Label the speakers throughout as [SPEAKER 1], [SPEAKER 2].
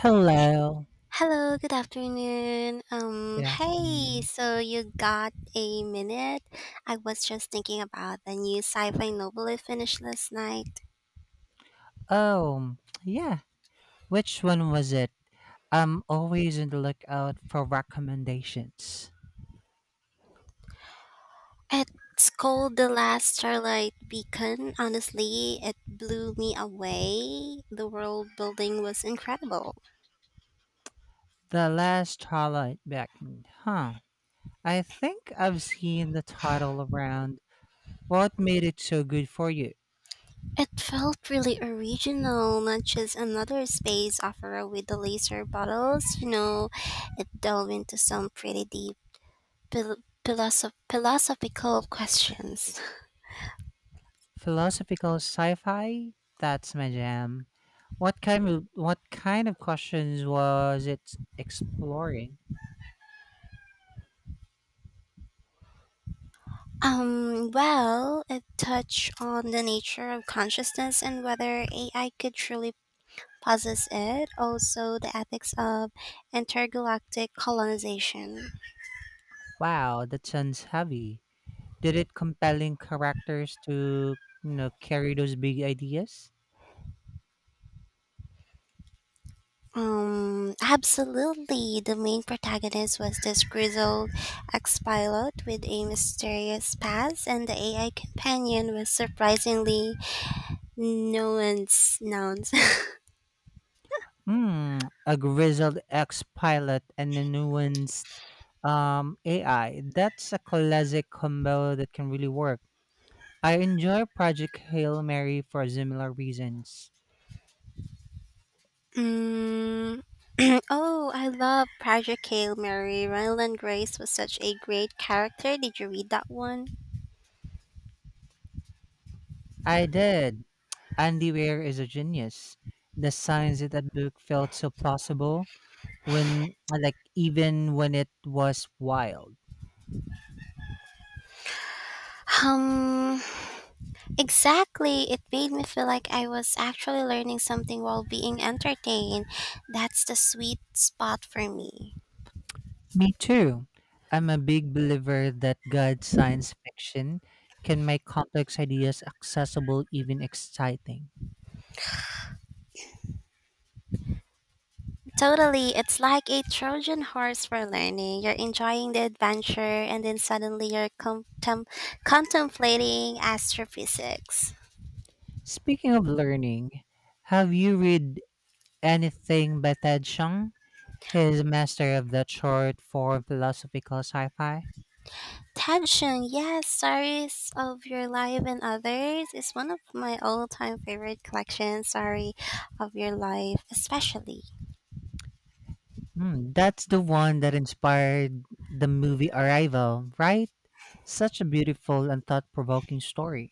[SPEAKER 1] Hello.
[SPEAKER 2] Hello, good afternoon.
[SPEAKER 1] Good
[SPEAKER 2] Hey,
[SPEAKER 1] afternoon.
[SPEAKER 2] so you got a minute? I was just thinking about the new sci-fi novel I finished last night.
[SPEAKER 1] Oh, yeah. Which one was it? I'm always on the lookout for recommendations.
[SPEAKER 2] It's called The Last Starlight Beacon. Honestly, it blew me away. The world building was incredible.
[SPEAKER 1] The Last Twilight Beckoned, huh? I think I've seen the title around. What made it so good for you?
[SPEAKER 2] It felt really original, not just another space opera with the laser bottles. You know, it delved into some pretty deep philosophical questions.
[SPEAKER 1] Philosophical sci-fi? That's my jam. What kind of questions was it exploring?
[SPEAKER 2] Well, it touched on the nature of consciousness and whether AI could truly possess it, also the ethics of intergalactic colonization.
[SPEAKER 1] Wow, that sounds heavy. Did it compelling characters to carry those big ideas?
[SPEAKER 2] Absolutely. The main protagonist was this grizzled ex pilot with a mysterious past, and the AI companion was surprisingly nuanced nouns.
[SPEAKER 1] Hmm, a grizzled ex-pilot and a nuanced AI. That's a classic combo that can really work. I enjoy Project Hail Mary for similar reasons.
[SPEAKER 2] Mm. Oh, I love Project Hail Mary. Ryland Grace was such a great character. Did you read that one?
[SPEAKER 1] I did. Andy Weir is a genius. The science in that book felt so plausible when, like, even when it was wild.
[SPEAKER 2] Um, exactly. It made me feel like I was actually learning something while being entertained. That's the sweet spot for me.
[SPEAKER 1] Me too. I'm a big believer that good science fiction can make complex ideas accessible, even exciting.
[SPEAKER 2] Totally. It's like a Trojan horse for learning. You're enjoying the adventure, and then suddenly you're contemplating astrophysics.
[SPEAKER 1] Speaking of learning, have you read anything by Ted Chiang? He is a master of the short form philosophical sci fi.
[SPEAKER 2] Tension, yes, stories of your life and others is one of my all-time favorite collections. Story of your life, especially
[SPEAKER 1] Hmm, that's the one that inspired the movie Arrival, right? Such a beautiful and thought provoking story.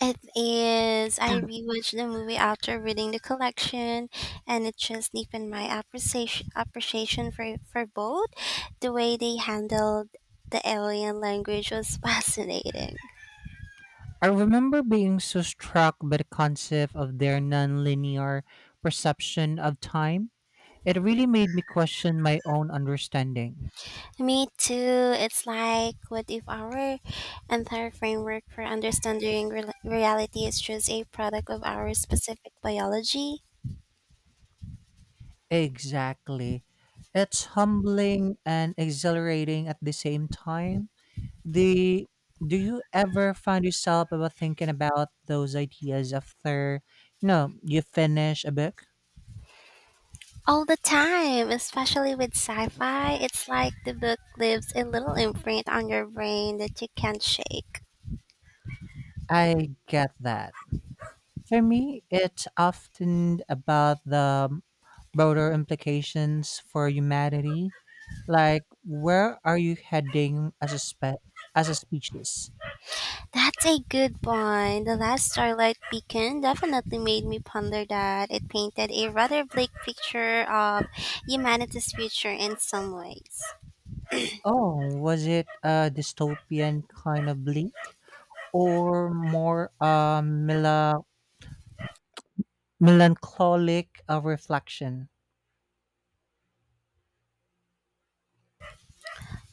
[SPEAKER 2] it is. I rewatched the movie after reading the collection, and it just deepened my appreciation for both. The way they handled the alien language was fascinating.
[SPEAKER 1] I remember being so struck by the concept of their nonlinear perception of time. It really made me question my own understanding.
[SPEAKER 2] Me too. It's like, what if our entire framework for understanding rel reality is just a product of our specific biology?
[SPEAKER 1] Exactly. It's humbling and exhilarating at the same time. The do you ever find yourself about thinking about those ideas after you finish a book?
[SPEAKER 2] All the time, especially with sci fi, it's like the book leaves a little imprint on your brain that you can't shake.
[SPEAKER 1] I get that. For me, it's often about the broader implications for humanity. Like, where are you heading as a as a species?
[SPEAKER 2] That's a good point. The last Starlight Beacon definitely made me ponder that. It painted a rather bleak picture of humanity's future in some ways.
[SPEAKER 1] Oh, was it a dystopian kind of bleak, or more a melancholic reflection?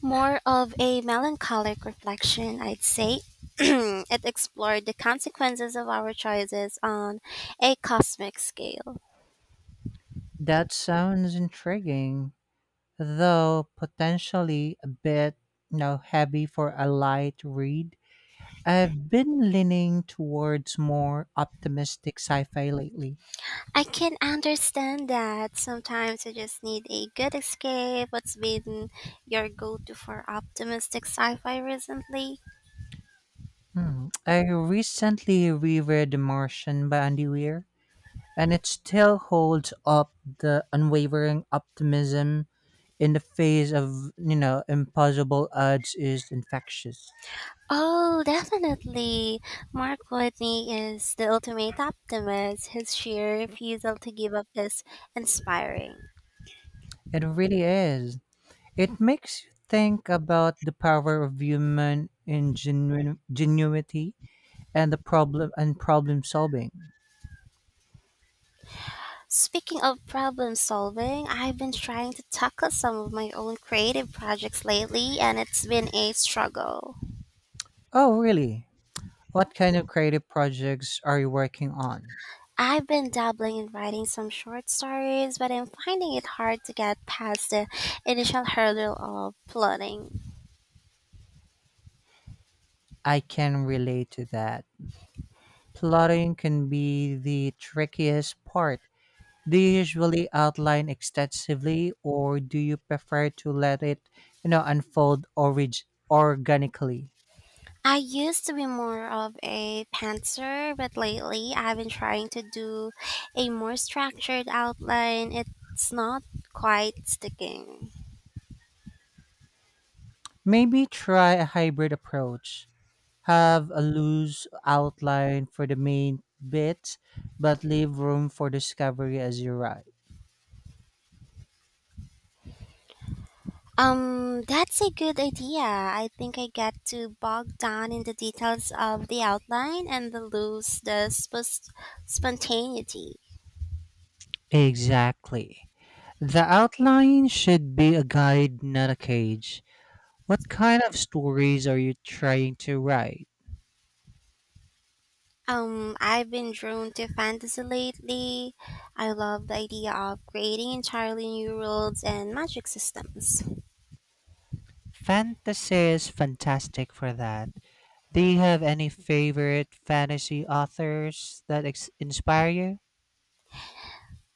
[SPEAKER 2] More of a melancholic reflection, I'd say. It explored the consequences of our choices on a cosmic scale.
[SPEAKER 1] That sounds intriguing, though potentially a bit, heavy for a light read. I've been leaning towards more optimistic sci-fi lately.
[SPEAKER 2] I can understand that sometimes you just need a good escape. What's been your go to for optimistic sci fi recently?
[SPEAKER 1] Hmm. I recently reread The Martian by Andy Weir, and it still holds up the unwavering optimism in the face of, impossible odds is infectious.
[SPEAKER 2] Oh, definitely. Mark Whitney is the ultimate optimist. His sheer refusal to give up is inspiring.
[SPEAKER 1] It really is. It makes you think about the power of human ingenuity and the problem and problem solving.
[SPEAKER 2] Speaking of problem solving, I've been trying to tackle some of my own creative projects lately, and it's been a struggle.
[SPEAKER 1] Oh, really? What kind of creative projects are you working on?
[SPEAKER 2] I've been dabbling in writing some short stories, but I'm finding it hard to get past the initial hurdle of plotting.
[SPEAKER 1] I can relate to that. Plotting can be the trickiest part. Do you usually outline extensively or do you prefer to let it, you know, unfold orig- organically?
[SPEAKER 2] I used to be more of a pantser, but lately I've been trying to do a more structured outline. It's not quite sticking.
[SPEAKER 1] Maybe try a hybrid approach. Have a loose outline for the main bits, but leave room for discovery as you write.
[SPEAKER 2] That's a good idea. I think I get too bogged down in the details of the outline and the lose the spontaneity.
[SPEAKER 1] Exactly. The outline should be a guide, not a cage. What kind of stories are you trying to write?
[SPEAKER 2] I've been drawn to fantasy lately. I love the idea of creating entirely new worlds and magic systems.
[SPEAKER 1] Fantasy is fantastic for that. Do you have any favorite fantasy authors that inspire you?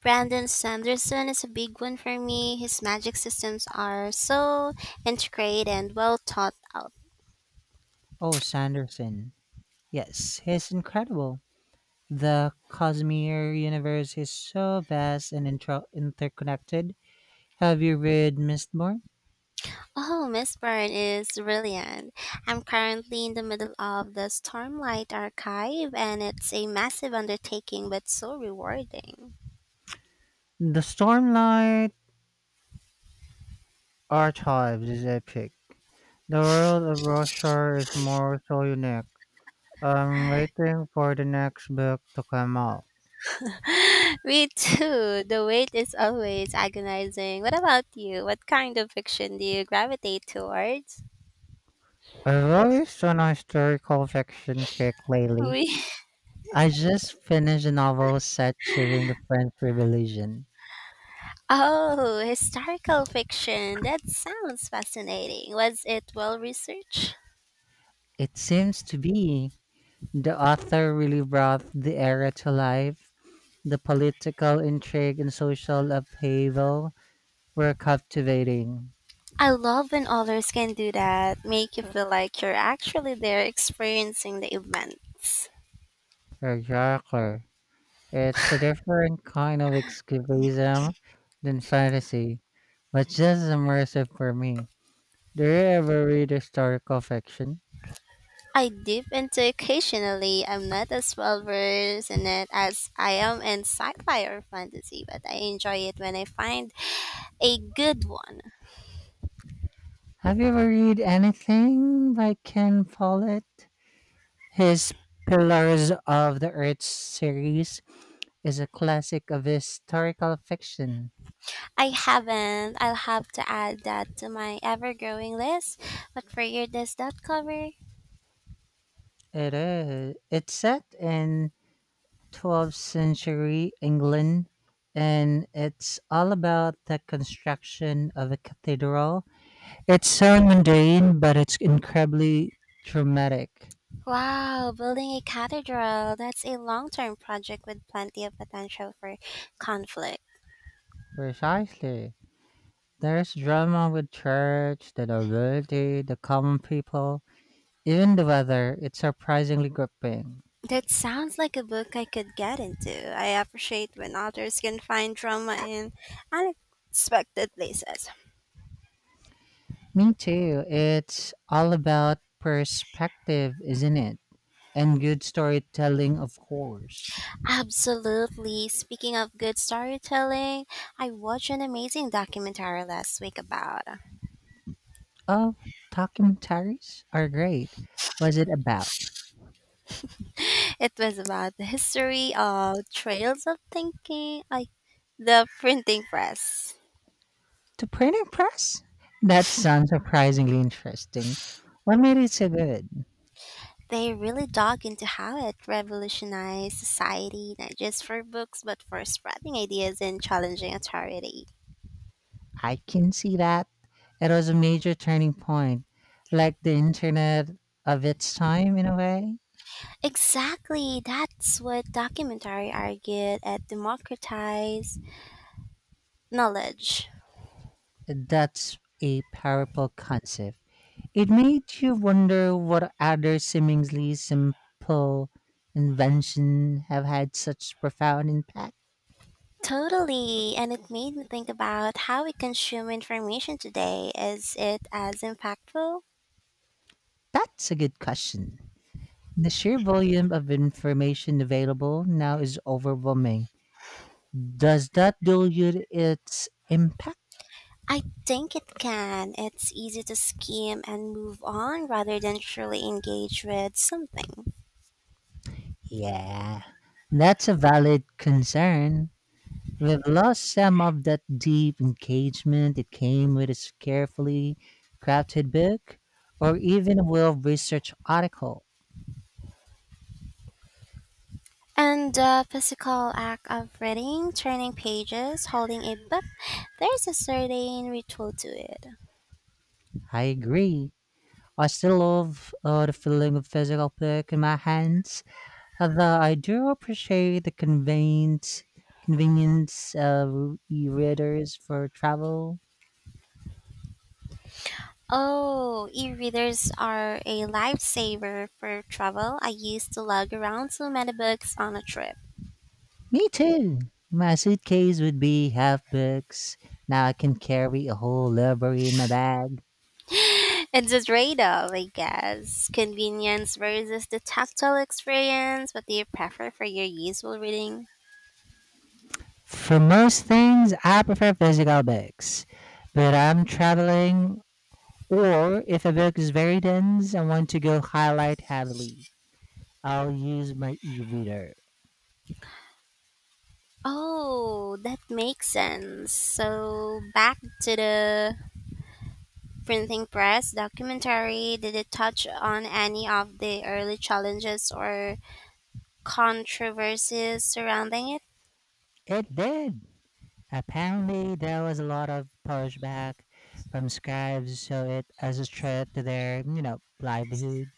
[SPEAKER 2] Brandon Sanderson is a big one for me. His magic systems are so intricate and well thought out.
[SPEAKER 1] Oh, Sanderson. Yes, he's incredible. The Cosmere universe is so vast and interconnected. Have you read Mistborn?
[SPEAKER 2] Oh, Miss Byrne is brilliant. I'm currently in the middle of the Stormlight Archive, and it's a massive undertaking but so rewarding.
[SPEAKER 1] The Stormlight Archives is epic. The world of Roshar is more so unique. I'm waiting for the next book to come out.
[SPEAKER 2] Me too. The wait is always agonizing. What about you? What kind of fiction do you gravitate towards?
[SPEAKER 1] I've always on a historical fiction kick lately.
[SPEAKER 2] We
[SPEAKER 1] I just finished a novel set during the French Revolution.
[SPEAKER 2] Oh, historical fiction. That sounds fascinating. Was it well researched?
[SPEAKER 1] It seems to be. The author really brought the era to life. The political intrigue and social upheaval were captivating.
[SPEAKER 2] I love when authors can do that, make you feel like you're actually there experiencing the events.
[SPEAKER 1] Exactly. It's a different kind of escapism than fantasy, but just as immersive for me. Do you ever read historical fiction?
[SPEAKER 2] I dip into occasionally. I'm not as well versed in it as I am in sci-fi or fantasy, but I enjoy it when I find a good one.
[SPEAKER 1] Have you ever read anything by Ken Follett? His Pillars of the Earth series is a classic of historical fiction.
[SPEAKER 2] I haven't. I'll have to add that to my ever-growing list. What figure does that cover?
[SPEAKER 1] It is. It's set in 12th century England and it's all about the construction of a cathedral. It's so mundane, but it's incredibly dramatic.
[SPEAKER 2] Wow, building a cathedral. That's a long-term project with plenty of potential for conflict.
[SPEAKER 1] Precisely. There's drama with church, the nobility, the common people, even the weather. It's surprisingly gripping.
[SPEAKER 2] That sounds like a book I could get into. I appreciate when authors can find drama in unexpected places.
[SPEAKER 1] Me too. It's all about perspective, isn't it? And good storytelling, of course.
[SPEAKER 2] Absolutely. Speaking of good storytelling, I watched an amazing documentary last week about
[SPEAKER 1] Oh, documentaries are great. Was it about
[SPEAKER 2] it was about the history of trails of thinking, like the printing press.
[SPEAKER 1] the printing press? That sounds surprisingly interesting. What made it so good?
[SPEAKER 2] They really dug into how it revolutionized society, not just for books, but for spreading ideas and challenging authority.
[SPEAKER 1] I can see that. It was a major turning point, like the internet of its time in a way.
[SPEAKER 2] Exactly, that's what documentary argued at democratized knowledge.
[SPEAKER 1] That's a powerful concept. It made you wonder what other seemingly simple inventions have had such profound impact.
[SPEAKER 2] Totally, and it made me think about how we consume information today. Is it as impactful?
[SPEAKER 1] That's a good question. The sheer volume of information available now is overwhelming. Does that dilute its impact?
[SPEAKER 2] I think it can. It's easy to skim and move on rather than truly engage with something.
[SPEAKER 1] Yeah, that's a valid concern. We've lost some of that deep engagement that came with a carefully crafted book or even a well researched article.
[SPEAKER 2] And the physical act of reading, turning pages, holding a book, there's a certain ritual to it.
[SPEAKER 1] I agree. I still love the feeling of physical book in my hands. Although I do appreciate the convenience of e-readers for travel.
[SPEAKER 2] Oh, e-readers are a lifesaver for travel. I used to lug around so many books on a trip.
[SPEAKER 1] Me too. My suitcase would be half books. Now I can carry a whole library in my bag.
[SPEAKER 2] It's a trade-off, I guess. Convenience versus the tactile experience. What do you prefer for your useful reading?
[SPEAKER 1] For most things, I prefer physical books. But I'm traveling, or if a book is very dense, and want to go highlight heavily. I'll use my e-reader.
[SPEAKER 2] Oh, that makes sense. So back to the printing press documentary. Did it touch on any of the early challenges or controversies surrounding it?
[SPEAKER 1] It did. Apparently, there was a lot of pushback from scribes, so it as a threat to their, livelihood.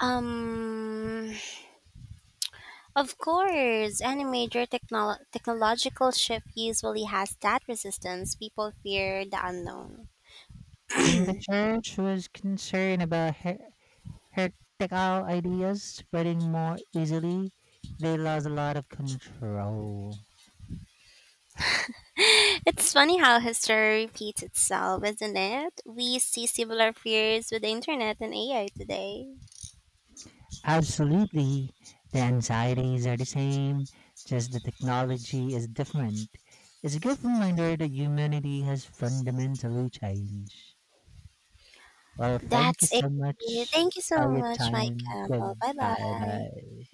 [SPEAKER 2] Um, of course, any major technological shift usually has that resistance. People fear the unknown.
[SPEAKER 1] And the church was concerned about heretical ideas spreading more easily. They lost a lot of control.
[SPEAKER 2] It's funny how history repeats itself, isn't it? We see similar fears with the internet and AI today.
[SPEAKER 1] Absolutely, the anxieties are the same, just the technology is different. It's a good reminder that humanity has fundamentally changed. Well, thank you
[SPEAKER 2] That's it.
[SPEAKER 1] so much
[SPEAKER 2] Thank you
[SPEAKER 1] for
[SPEAKER 2] so
[SPEAKER 1] your
[SPEAKER 2] much, Mike
[SPEAKER 1] time.
[SPEAKER 2] Campbell. Bye
[SPEAKER 1] Goodbye.
[SPEAKER 2] bye.
[SPEAKER 1] Bye.